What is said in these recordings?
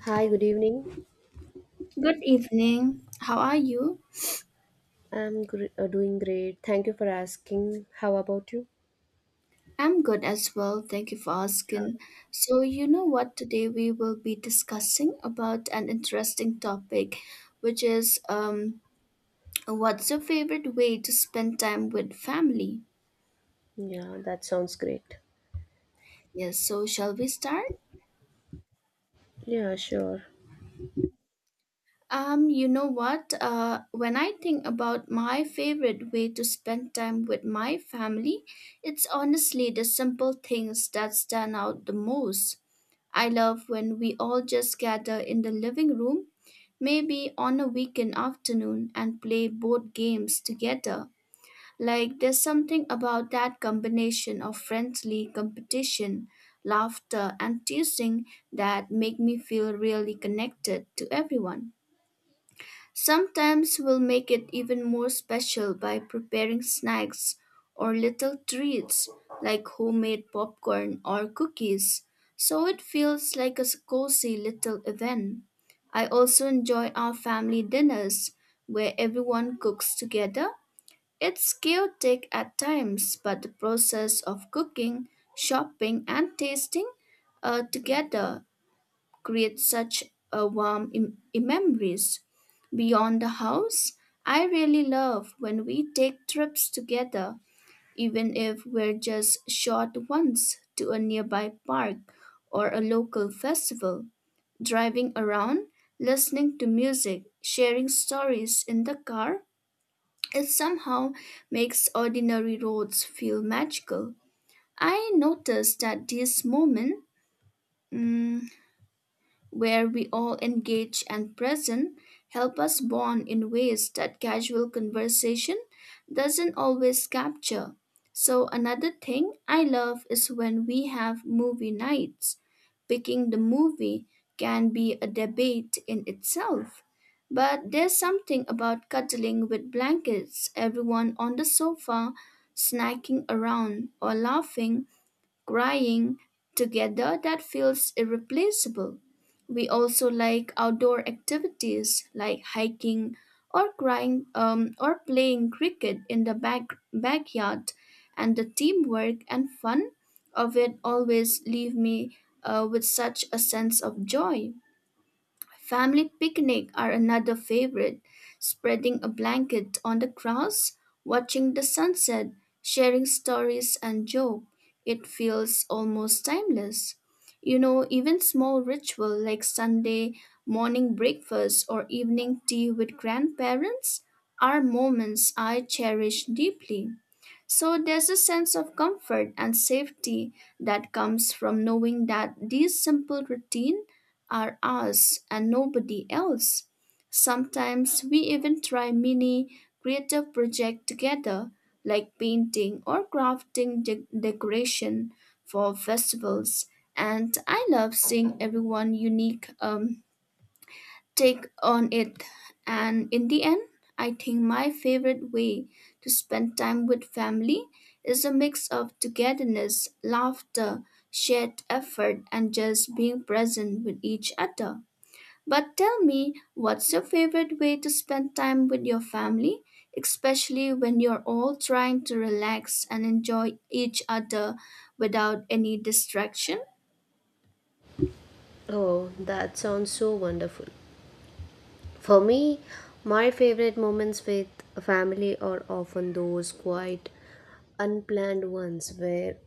Hi, good evening. Good evening. How are you? Doing great. Thank you for asking. How about you? I'm good as well. Thank you for Yeah, asking. So, you know what? Today we will be discussing about an interesting topic, which is what's your favorite way to spend time with family? yeah, that sounds great. Yes, so shall we start? Yeah, sure. You know what? When I think about my favorite way to spend time with my family, it's honestly the simple things that stand out the most. I love when we all just gather in the living room, maybe on a weekend afternoon, and play board games together. Like, there's something about that combination of friendly competition, laughter, and teasing that make me feel really connected to everyone. Sometimes we'll make it even more special by preparing snacks or little treats like homemade popcorn or cookies, so it feels like a cozy little event. I also enjoy our family dinners where everyone cooks together. It's chaotic at times, but the process of cooking, shopping, and tasting together create such a warm memories. Beyond the house, I really love when we take trips together, even if we're just short ones to a nearby park or a local festival. Driving around, listening to music, sharing stories in the car, it somehow makes ordinary roads feel magical. I notice that these moments where we all engage and present, help us bond in ways that casual conversation doesn't always capture. So, another thing I love is when we have movie nights. Picking the movie can be a debate in itself. But there's something about cuddling with blankets, everyone on the sofa, snacking around, or laughing crying together that feels irreplaceable. We also like outdoor activities like hiking or crying or playing cricket in the backyard, and the teamwork and fun of it always leave me with such a sense of joy. Family picnic are another favorite. Spreading a blanket on the grass, watching the sunset, sharing stories and joke. It feels almost timeless. You know, even small ritual like Sunday morning breakfast or evening tea with grandparents are moments I cherish deeply. So there's a sense of comfort and safety that comes from knowing that these simple routines are us and nobody else. Sometimes we even try mini creative projects together, like painting or crafting decoration for festivals. And I love seeing everyone unique take on it. And in the end, I think my favorite way to spend time with family is a mix of togetherness, laughter, shared effort, and just being present with each other. But tell me, what's your favorite way to spend time with your family, especially when you're all trying to relax and enjoy each other without any distraction? Oh, that sounds so wonderful. For me, my favorite moments with family are often those quite unplanned ones where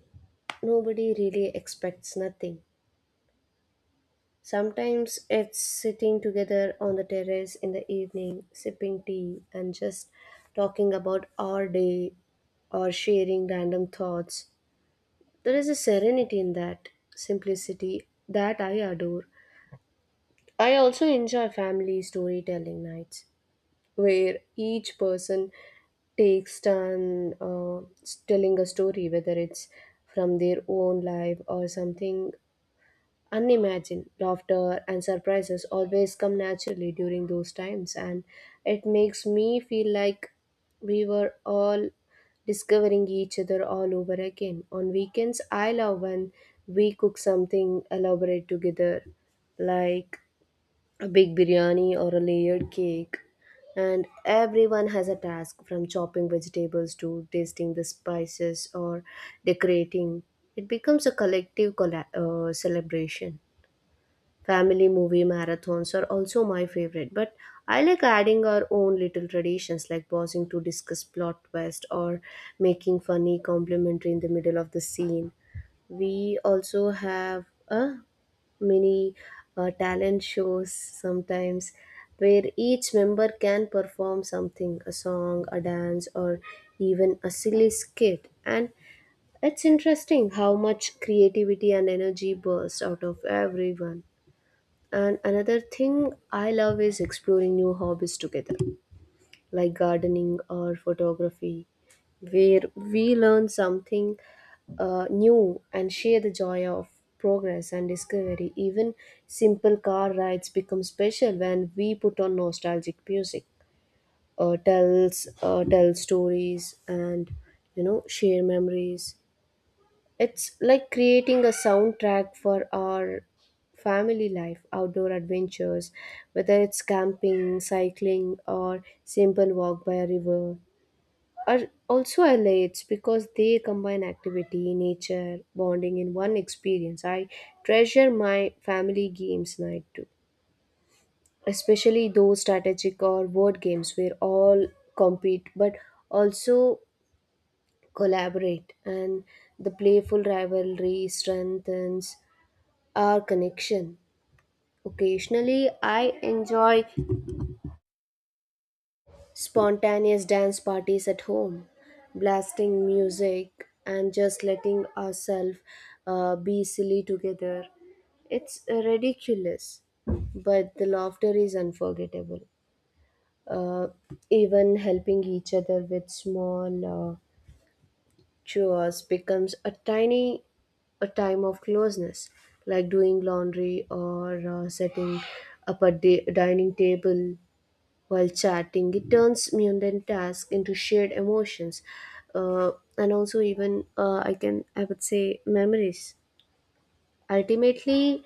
nobody really expects nothing. Sometimes it's sitting together on the terrace in the evening, sipping tea and just talking about our day or sharing random thoughts. There is a serenity in that simplicity that I adore. I also enjoy family storytelling nights where each person takes turn telling a story, whether it's from their own life or something unimagined. Laughter and surprises always come naturally during those times, and it makes me feel like we were all discovering each other all over again. On weekends, I love when we cook something elaborate together, like a big biryani or a layered cake, and everyone has a task from chopping vegetables to tasting the spices or decorating. It becomes a collective celebration. Family movie marathons are also my favorite, but I like adding our own little traditions like pausing to discuss plot twist or making funny complimentary in the middle of the scene. We also have a mini talent shows sometimes, where each member can perform something, a song, a dance, or even a silly skit, and it's interesting how much creativity and energy bursts out of everyone. And another thing I love is exploring new hobbies together, like gardening or photography, where we learn something new and share the joy of progress and discovery. Even simple car rides become special when we put on nostalgic music, or tell stories, and share memories. It's like creating a soundtrack for our family life. Outdoor adventures, whether it's camping, cycling, or simple walk by a river. Or also I lakes, because they combine activity, nature, bonding in one experience. I treasure my family games night too, especially those strategic or word games where all compete but also collaborate, and the playful rivalry strengthens our connection. Occasionally, I enjoy spontaneous dance parties at home, blasting music and just letting ourselves be silly together. It's ridiculous, but the laughter is unforgettable. Uh, Even helping each other with small chores becomes a time of closeness, like doing laundry or setting up a dining table while chatting. It turns mundane tasks into shared emotions, uh, and also even I would say memories. Ultimately,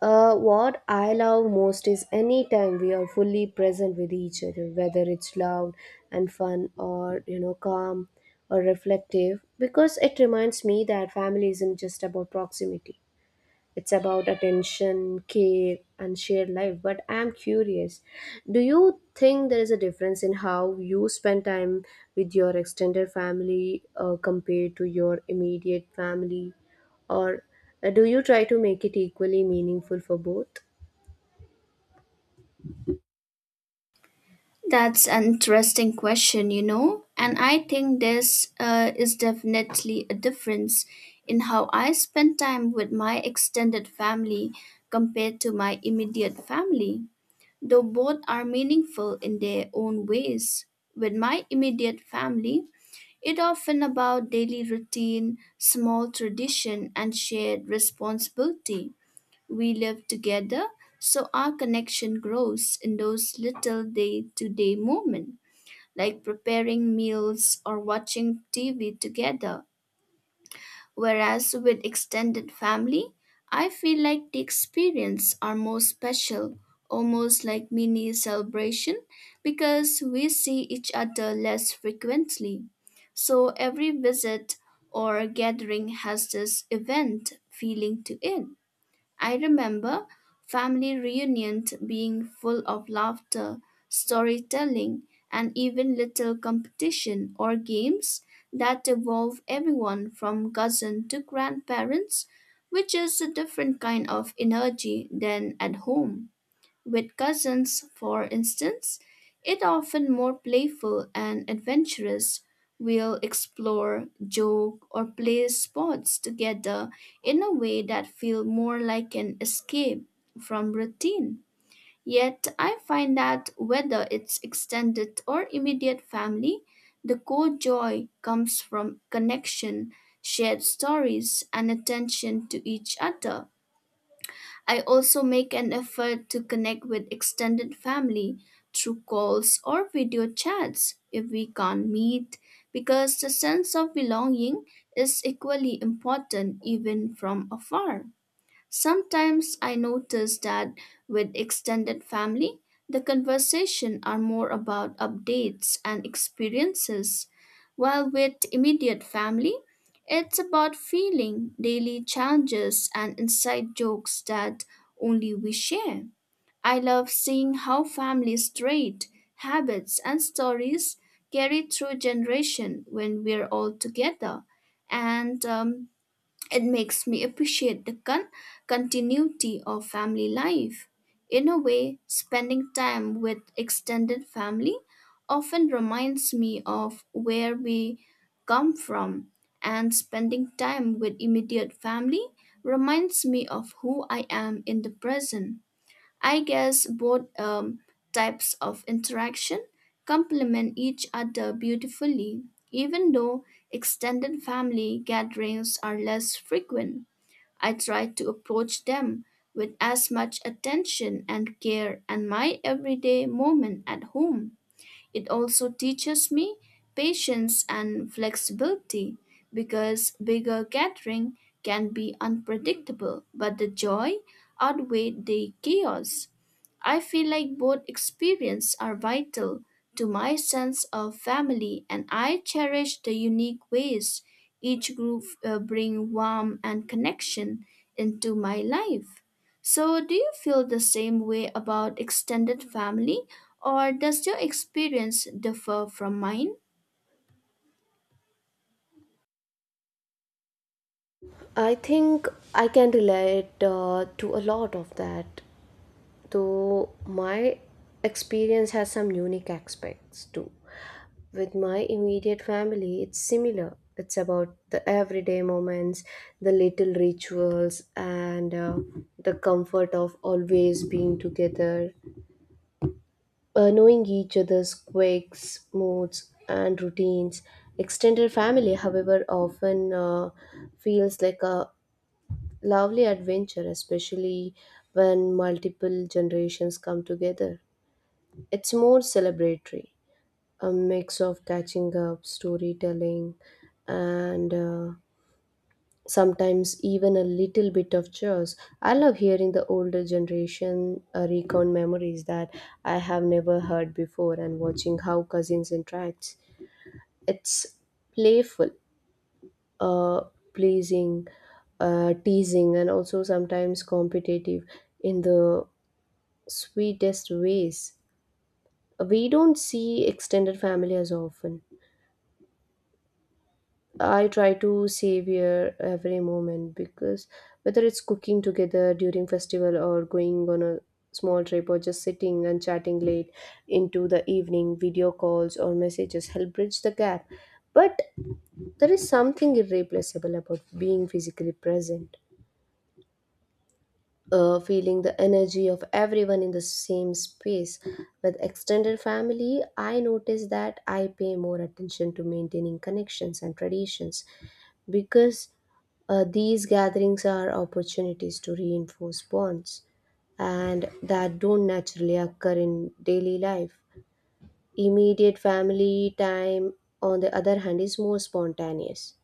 what I love most is any time we are fully present with each other, whether it's loud and fun or, you know, calm or reflective, because it reminds me that family isn't just about proximity. It's about attention, care, and shared life. But I'm curious, do you think there is a difference in how you spend time with your extended family compared to your immediate family? Or do you try to make it equally meaningful for both? That's an interesting question, you know, and I think this is definitely a difference in how I spend time with my extended family compared to my immediate family, though both are meaningful in their own ways. With my immediate family, it often about daily routine, small tradition and shared responsibility. We live together, so our connection grows in those little day-to-day moments like preparing meals or watching TV together. Whereas with extended family, I feel like the experience are more special, almost like mini celebration because we see each other less frequently. So every visit or gathering has this event feeling to it. I remember family reunions being full of laughter, storytelling, and even little competition or games that involve everyone from cousin to grandparents, which is a different kind of energy than at home. With cousins, for instance, it often more playful and adventurous. We'll explore, joke, or play sports together in a way that feel more like an escape from routine. Yet I find that whether it's extended or immediate family, the core joy comes from connection, shared stories, and attention to each other. I also make an effort to connect with extended family through calls or video chats if we can't meet, because the sense of belonging is equally important even from afar. Sometimes I notice that with extended family, the conversation are more about updates and experiences, while with immediate family, it's about feeling, daily challenges, and inside jokes that only we share. I love seeing how families' trait, habits, and stories carry through generation when we're all together. And it makes me appreciate the continuity of family life. In a way, spending time with extended family often reminds me of where we come from, and spending time with immediate family reminds me of who I am in the present. I guess both types of interaction complement each other beautifully, even though extended family gatherings are less frequent. I try to approach them with as much attention and care and my everyday moment at home. It also teaches me patience and flexibility because bigger gathering can be unpredictable, but the joy outweigh the chaos. I feel like both experiences are vital to my sense of family and I cherish the unique ways each group bring warmth and connection into my life. So, do you feel the same way about extended family, or does your experience differ from mine? I think I can relate to a lot of that, though my experience has some unique aspects too. With my immediate family, it's similar. It's about the everyday moments, the little rituals, and the comfort of always being together, knowing each other's quirks, moods, and routines. Extended family, however, often feels like a lovely adventure, especially when multiple generations come together. It's more celebratory, a mix of catching up, storytelling, and sometimes even a little bit of chores. I love hearing the older generation recount memories that I have never heard before, and watching how cousins interact. It's playful, uh, pleasing, teasing, and also sometimes competitive in the sweetest ways. We don't see extended family as often. I try to savor every moment, because whether it's cooking together during festival, or going on a small trip, or just sitting and chatting late into the evening, video calls or messages help bridge the gap. But there is something irreplaceable about being physically present, feeling the energy of everyone in the same space. With extended family, I notice that I pay more attention to maintaining connections and traditions, because these gatherings are opportunities to reinforce bonds and that don't naturally occur in daily life. Immediate family time, on the other hand, is more spontaneous,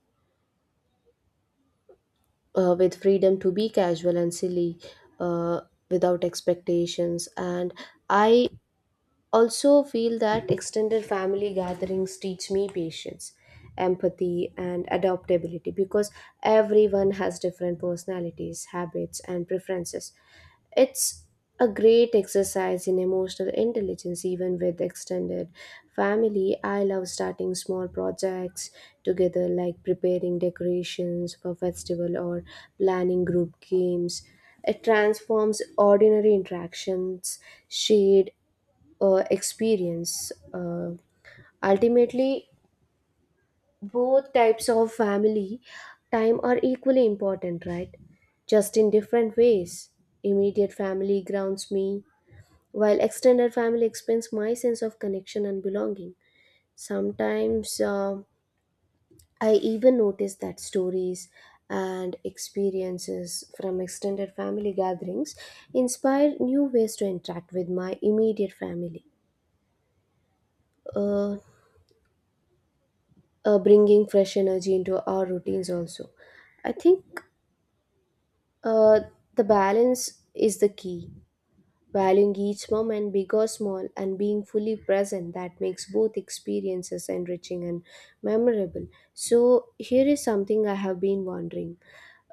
with freedom to be casual and silly, uh, without expectations. And I also feel that extended family gatherings teach me patience, empathy, and adaptability, because everyone has different personalities, habits, and preferences. It's a great exercise in emotional intelligence. Even with extended family, I love starting small projects together, like preparing decorations for festival or planning group games. It transforms ordinary interactions, shared experience. Ultimately, both types of family time are equally important, right? Just in different ways. Immediate family grounds me, while extended family expands my sense of connection and belonging. Sometimes I even notice that stories and experiences from extended family gatherings inspire new ways to interact with my immediate family. Uh, Bringing fresh energy into our routines also, I think, uh, the balance is the key. Valuing each moment, big or small, and being fully present, that makes both experiences enriching and memorable. So here is something I have been wondering.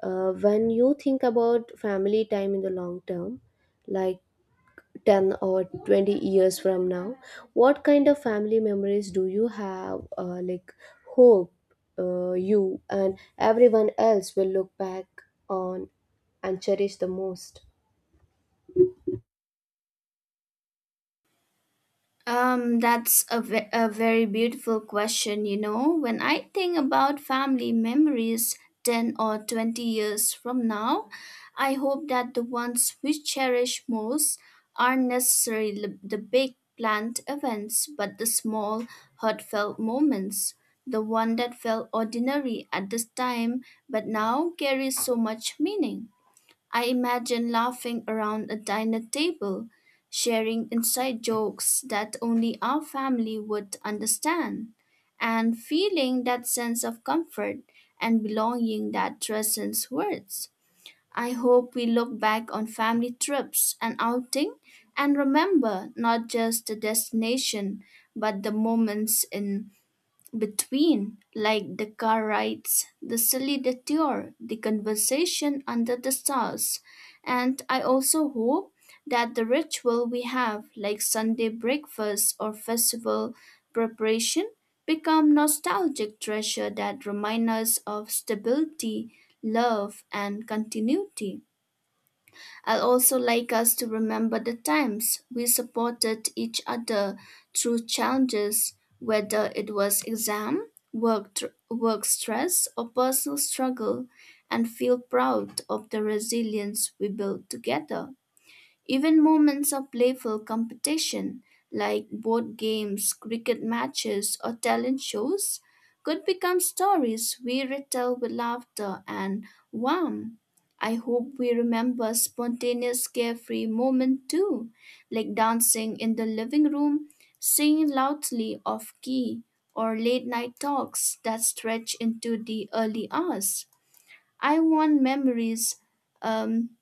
When you think about family time in the long term, like 10 or 20 years from now, what kind of family memories do you have, like hope, you and everyone else will look back on and cherish the most? A very beautiful question. You know, when I think about family memories 10 or 20 years from now, I hope that the ones we cherish most aren't necessarily the big planned events, but the small, heartfelt moments. The one that felt ordinary at this time, but now carries so much meaning. I imagine laughing around a dinner table, sharing inside jokes that only our family would understand, and feeling that sense of comfort and belonging that transcends words. I hope we look back on family trips and outing and remember not just the destination but the moments in between, like the car rides, the silly detour, the conversation under the stars. And I also hope that the ritual we have, like Sunday breakfast or festival preparation, become nostalgic treasure that remind us of stability, love, and continuity. I'd also like us to remember the times we supported each other through challenges, whether it was exam, work stress, or personal struggle, and feel proud of the resilience we built together. Even moments of playful competition, like board games, cricket matches, or talent shows, could become stories we retell with laughter and warmth. I hope we remember spontaneous, carefree moments too, like dancing in the living room, singing loudly off key, or late night talks that stretch into the early hours. I want memories um,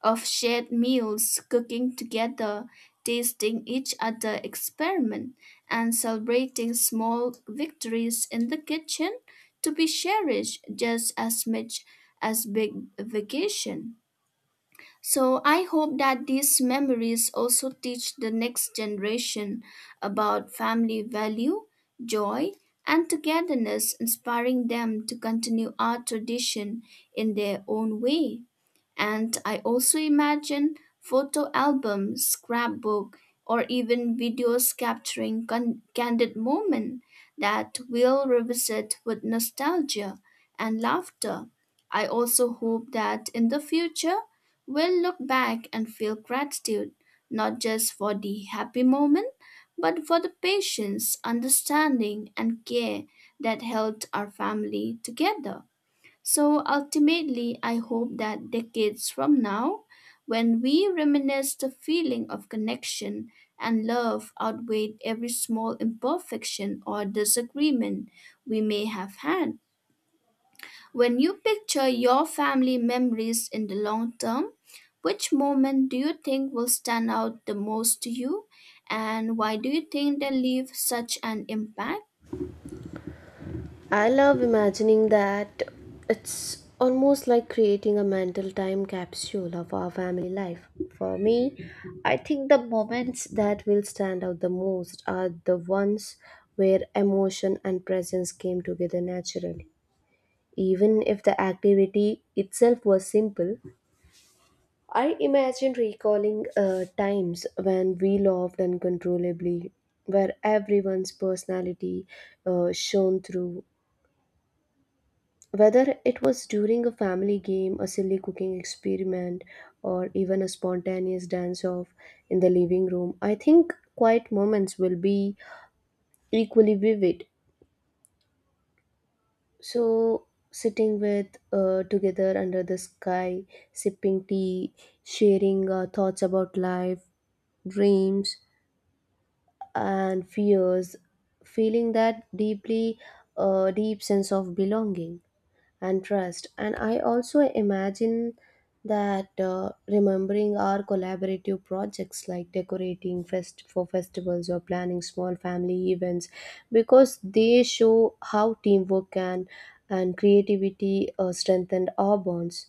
of shared meals, cooking together, tasting each other experiment, and celebrating small victories in the kitchen to be cherished just as much as big vacation. So I hope that these memories also teach the next generation about family value, joy, and togetherness, inspiring them to continue our tradition in their own way. And I also imagine photo albums, scrapbook, or even videos capturing candid moments that will revisit with nostalgia and laughter. I also hope that in the future we'll look back and feel gratitude, not just for the happy moment, but for the patience, understanding, and care that held our family together. So ultimately, I hope that decades from now, when we reminisce the feeling of connection and love outweighed every small imperfection or disagreement we may have had. When you picture your family memories in the long term, which moment do you think will stand out the most to you, and why do you think they leave such an impact? I love imagining that. It's almost like creating a mental time capsule of our family life. For me, I think the moments that will stand out the most are the ones where emotion and presence came together naturally. Even if the activity itself was simple, I imagine recalling times when we laughed uncontrollably, where everyone's personality shone through. Whether it was during a family game, a silly cooking experiment, or even a spontaneous dance off in the living room, I think quiet moments will be equally vivid. So, sitting with together under the sky, sipping tea, sharing our thoughts about life, dreams, and fears, feeling that deep sense of belonging and trust. And I also imagine that, remembering our collaborative projects like decorating fest for festivals or planning small family events, because they show how teamwork can and creativity strengthen our bonds.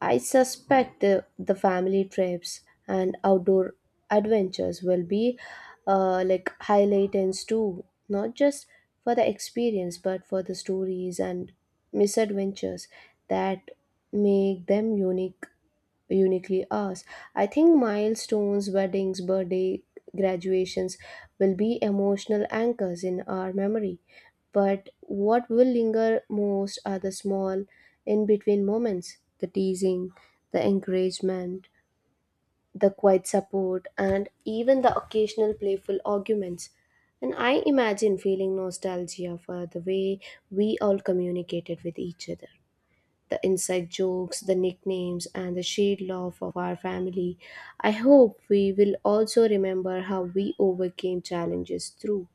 I suspect the family trips and outdoor adventures will be like highlights too, not just for the experience, but for the stories and misadventures that make them uniquely ours. I think milestones, weddings, birthday, graduations will be emotional anchors in our memory. But what will linger most are the small in between moments, the teasing, the encouragement, the quiet support, and even the occasional playful arguments. And I imagine feeling nostalgia for the way we all communicated with each other. The inside jokes, the nicknames, and the shared love of our family. I hope we will also remember how we overcame challenges through,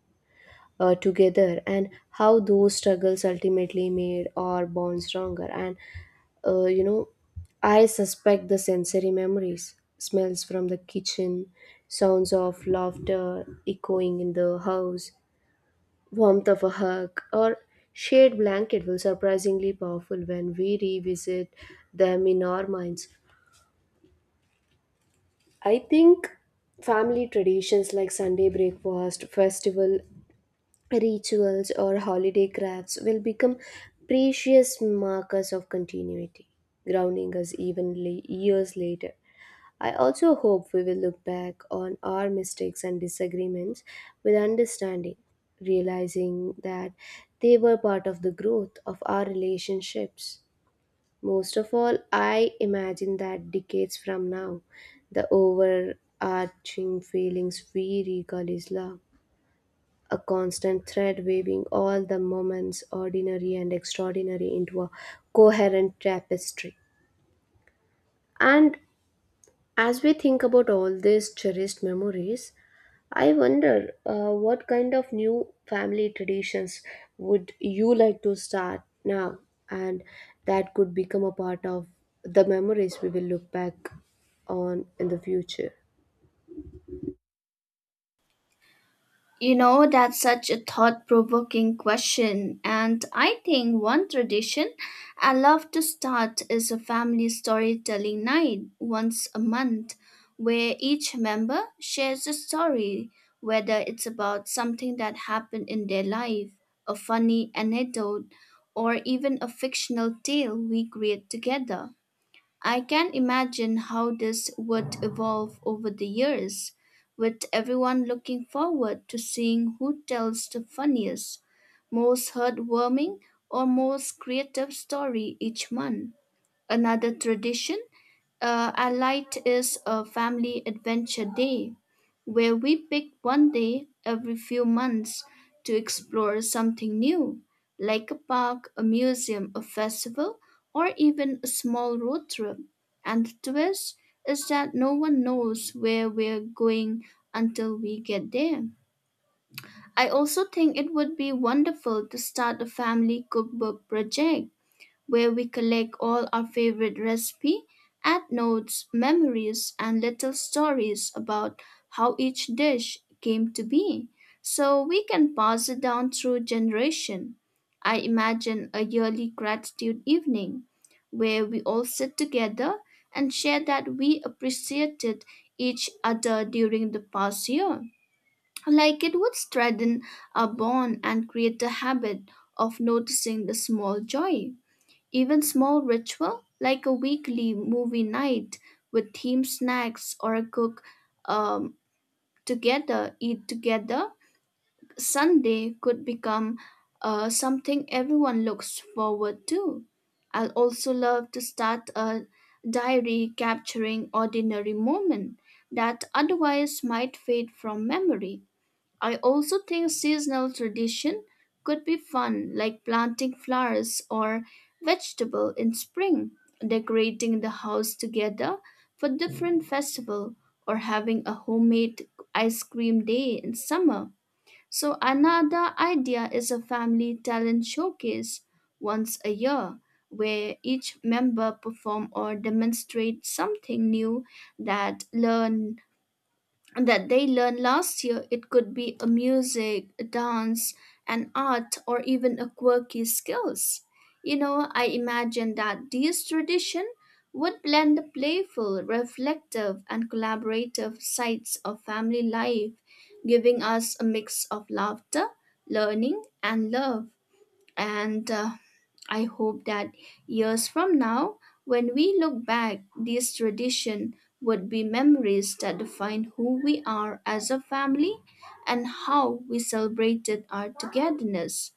together, and how those struggles ultimately made our bond stronger. And, uh, you know, I suspect the sensory memories, smells from the kitchen, sounds of laughter echoing in the house, warmth of a hug, or shared blanket will surprisingly powerful when we revisit them in our minds. I think family traditions like Sunday breakfast, festival rituals, or holiday crafts will become precious markers of continuity, grounding us evenly years later. I also hope we will look back on our mistakes and disagreements with understanding, realizing that they were part of the growth of our relationships. Most of all, I imagine that decades from now, the overarching feelings we recall is love, a constant thread weaving all the moments, ordinary and extraordinary, into a coherent tapestry. And as we think about all these cherished memories, I wonder, what kind of new family traditions would you like to start now, and that could become a part of the memories we will look back on in the future. You know, that's such a thought provoking question. And I think one tradition I love to start is a family storytelling night once a month where each member shares a story, whether it's about something that happened in their life, a funny anecdote, or even a fictional tale we create together. I can imagine how this would evolve over the years, with everyone looking forward to seeing who tells the funniest, most heartwarming, or most creative story each month. Another tradition our light is a family adventure day where we pick one day every few months to explore something new, like a park, a museum, a festival, or even a small road trip. And the twist is that no one knows where we're going until we get there. I also think it would be wonderful to start a family cookbook project where we collect all our favorite recipe, add notes, memories, and little stories about how each dish came to be, so we can pass it down through generation. I imagine a yearly gratitude evening where we all sit together and share that we appreciated each other during the past year. Like it would strengthen our bond and create a habit of noticing the small joy. Even small ritual like a weekly movie night with themed snacks or a cook um, together, eat together, Sunday could become something everyone looks forward to. I'll also love to start a diary capturing ordinary moment that otherwise might fade from memory. I also think seasonal tradition could be fun, like planting flowers or vegetable in spring, decorating the house together for different festival, or having a homemade ice cream day in summer. So another idea is a family talent showcase once a year where each member perform or demonstrate something new that learn that they learned last year. It could be a music, a dance, an art, or even a quirky skills. You know, I imagine that these tradition would blend the playful, reflective, and collaborative sides of family life, giving us a mix of laughter, learning, and love. And I hope that years from now, when we look back, this tradition would be memories that define who we are as a family and how we celebrated our togetherness.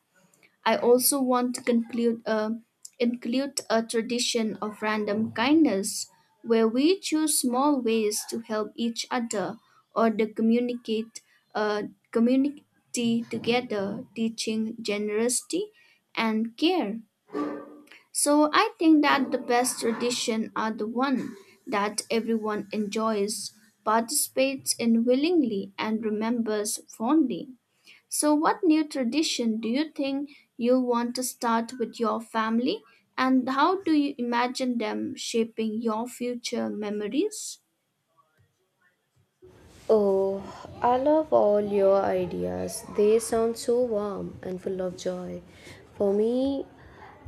I also want to conclude a include a tradition of random kindness where we choose small ways to help each other or to communicate uh, community together, teaching generosity and care. So I think that the best tradition are the one that everyone enjoys, participates in willingly, and remembers fondly. So, what new tradition do you think you want to start with your family, and how do you imagine them shaping your future memories? Oh, I love all your ideas. They sound so warm and full of joy. For me,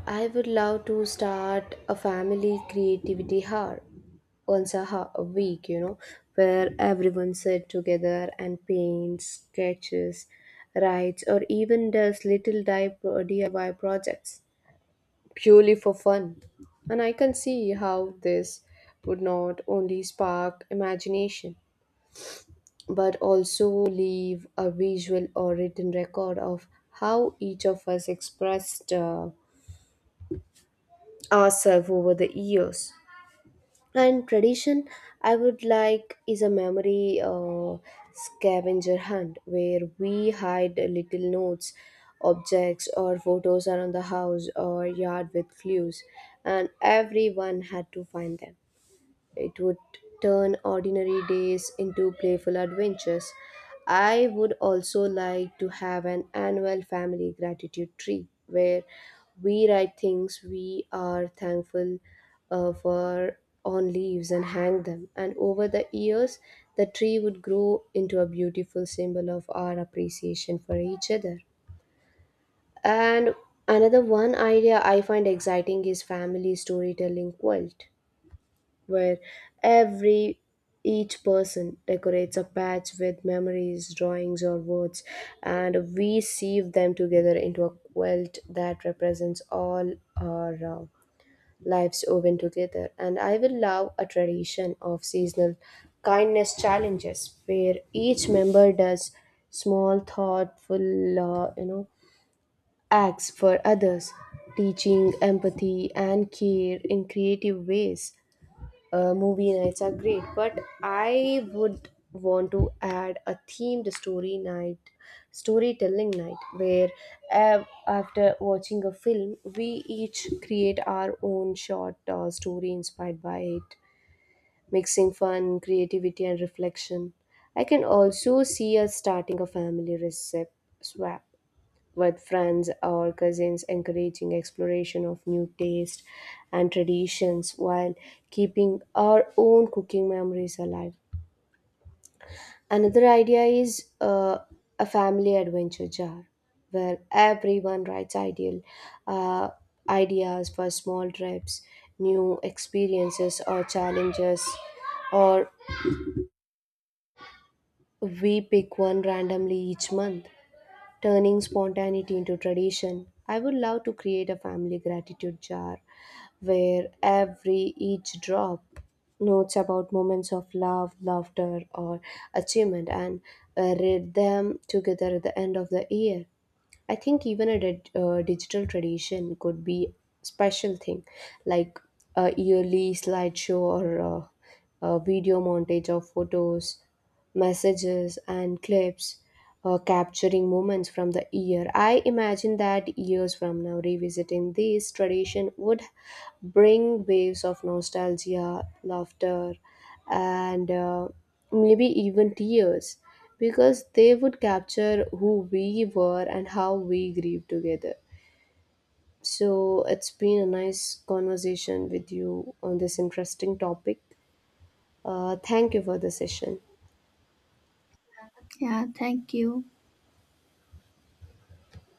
I would love to start a family creativity hub once a week, you know, where everyone sits together and paints, sketches, writes, or even does little DIY projects purely for fun. And I can see how this would not only spark imagination but also leave a visual or written record of how each of us expressed ourselves over the years. And tradition, I would like, is a memory scavenger hunt where we hide little notes, objects, or photos around the house or yard with clues, and everyone had to find them. It would turn ordinary days into playful adventures. I would also like to have an annual family gratitude tree where we write things we are thankful for on leaves and hang them. And over the years, the tree would grow into a beautiful symbol of our appreciation for each other. And another one idea I find exciting is family storytelling quilt where every each person decorates a patch with memories, drawings, or words, and we sieve them together into a quilt that represents all our lives woven together. And I will love a tradition of seasonal kindness challenges where each member does small, thoughtful, acts for others, teaching empathy and care in creative ways. Movie nights are great, but I would want to add a themed storytelling night, where after watching a film, we each create our own short story inspired by it, mixing fun, creativity, and reflection. I can also see us starting a family recipe swap with friends or cousins, encouraging exploration of new tastes and traditions while keeping our own cooking memories alive. Another idea is a family adventure jar where everyone writes ideal uh, ideas for small trips, new experiences or challenges, or we pick one randomly each month, turning spontaneity into tradition. I would love to create a family gratitude jar where every each drop notes about moments of love, laughter, or achievement and read them together at the end of the year. I think even a digital tradition could be special thing, like a yearly slideshow or a video montage of photos, messages, and clips capturing moments from the year. I imagine that years from now, revisiting this tradition would bring waves of nostalgia, laughter, and maybe even tears, because they would capture who we were and how we grieved together. So, it's been a nice conversation with you on this interesting topic. Thank you for the session. Yeah, thank you.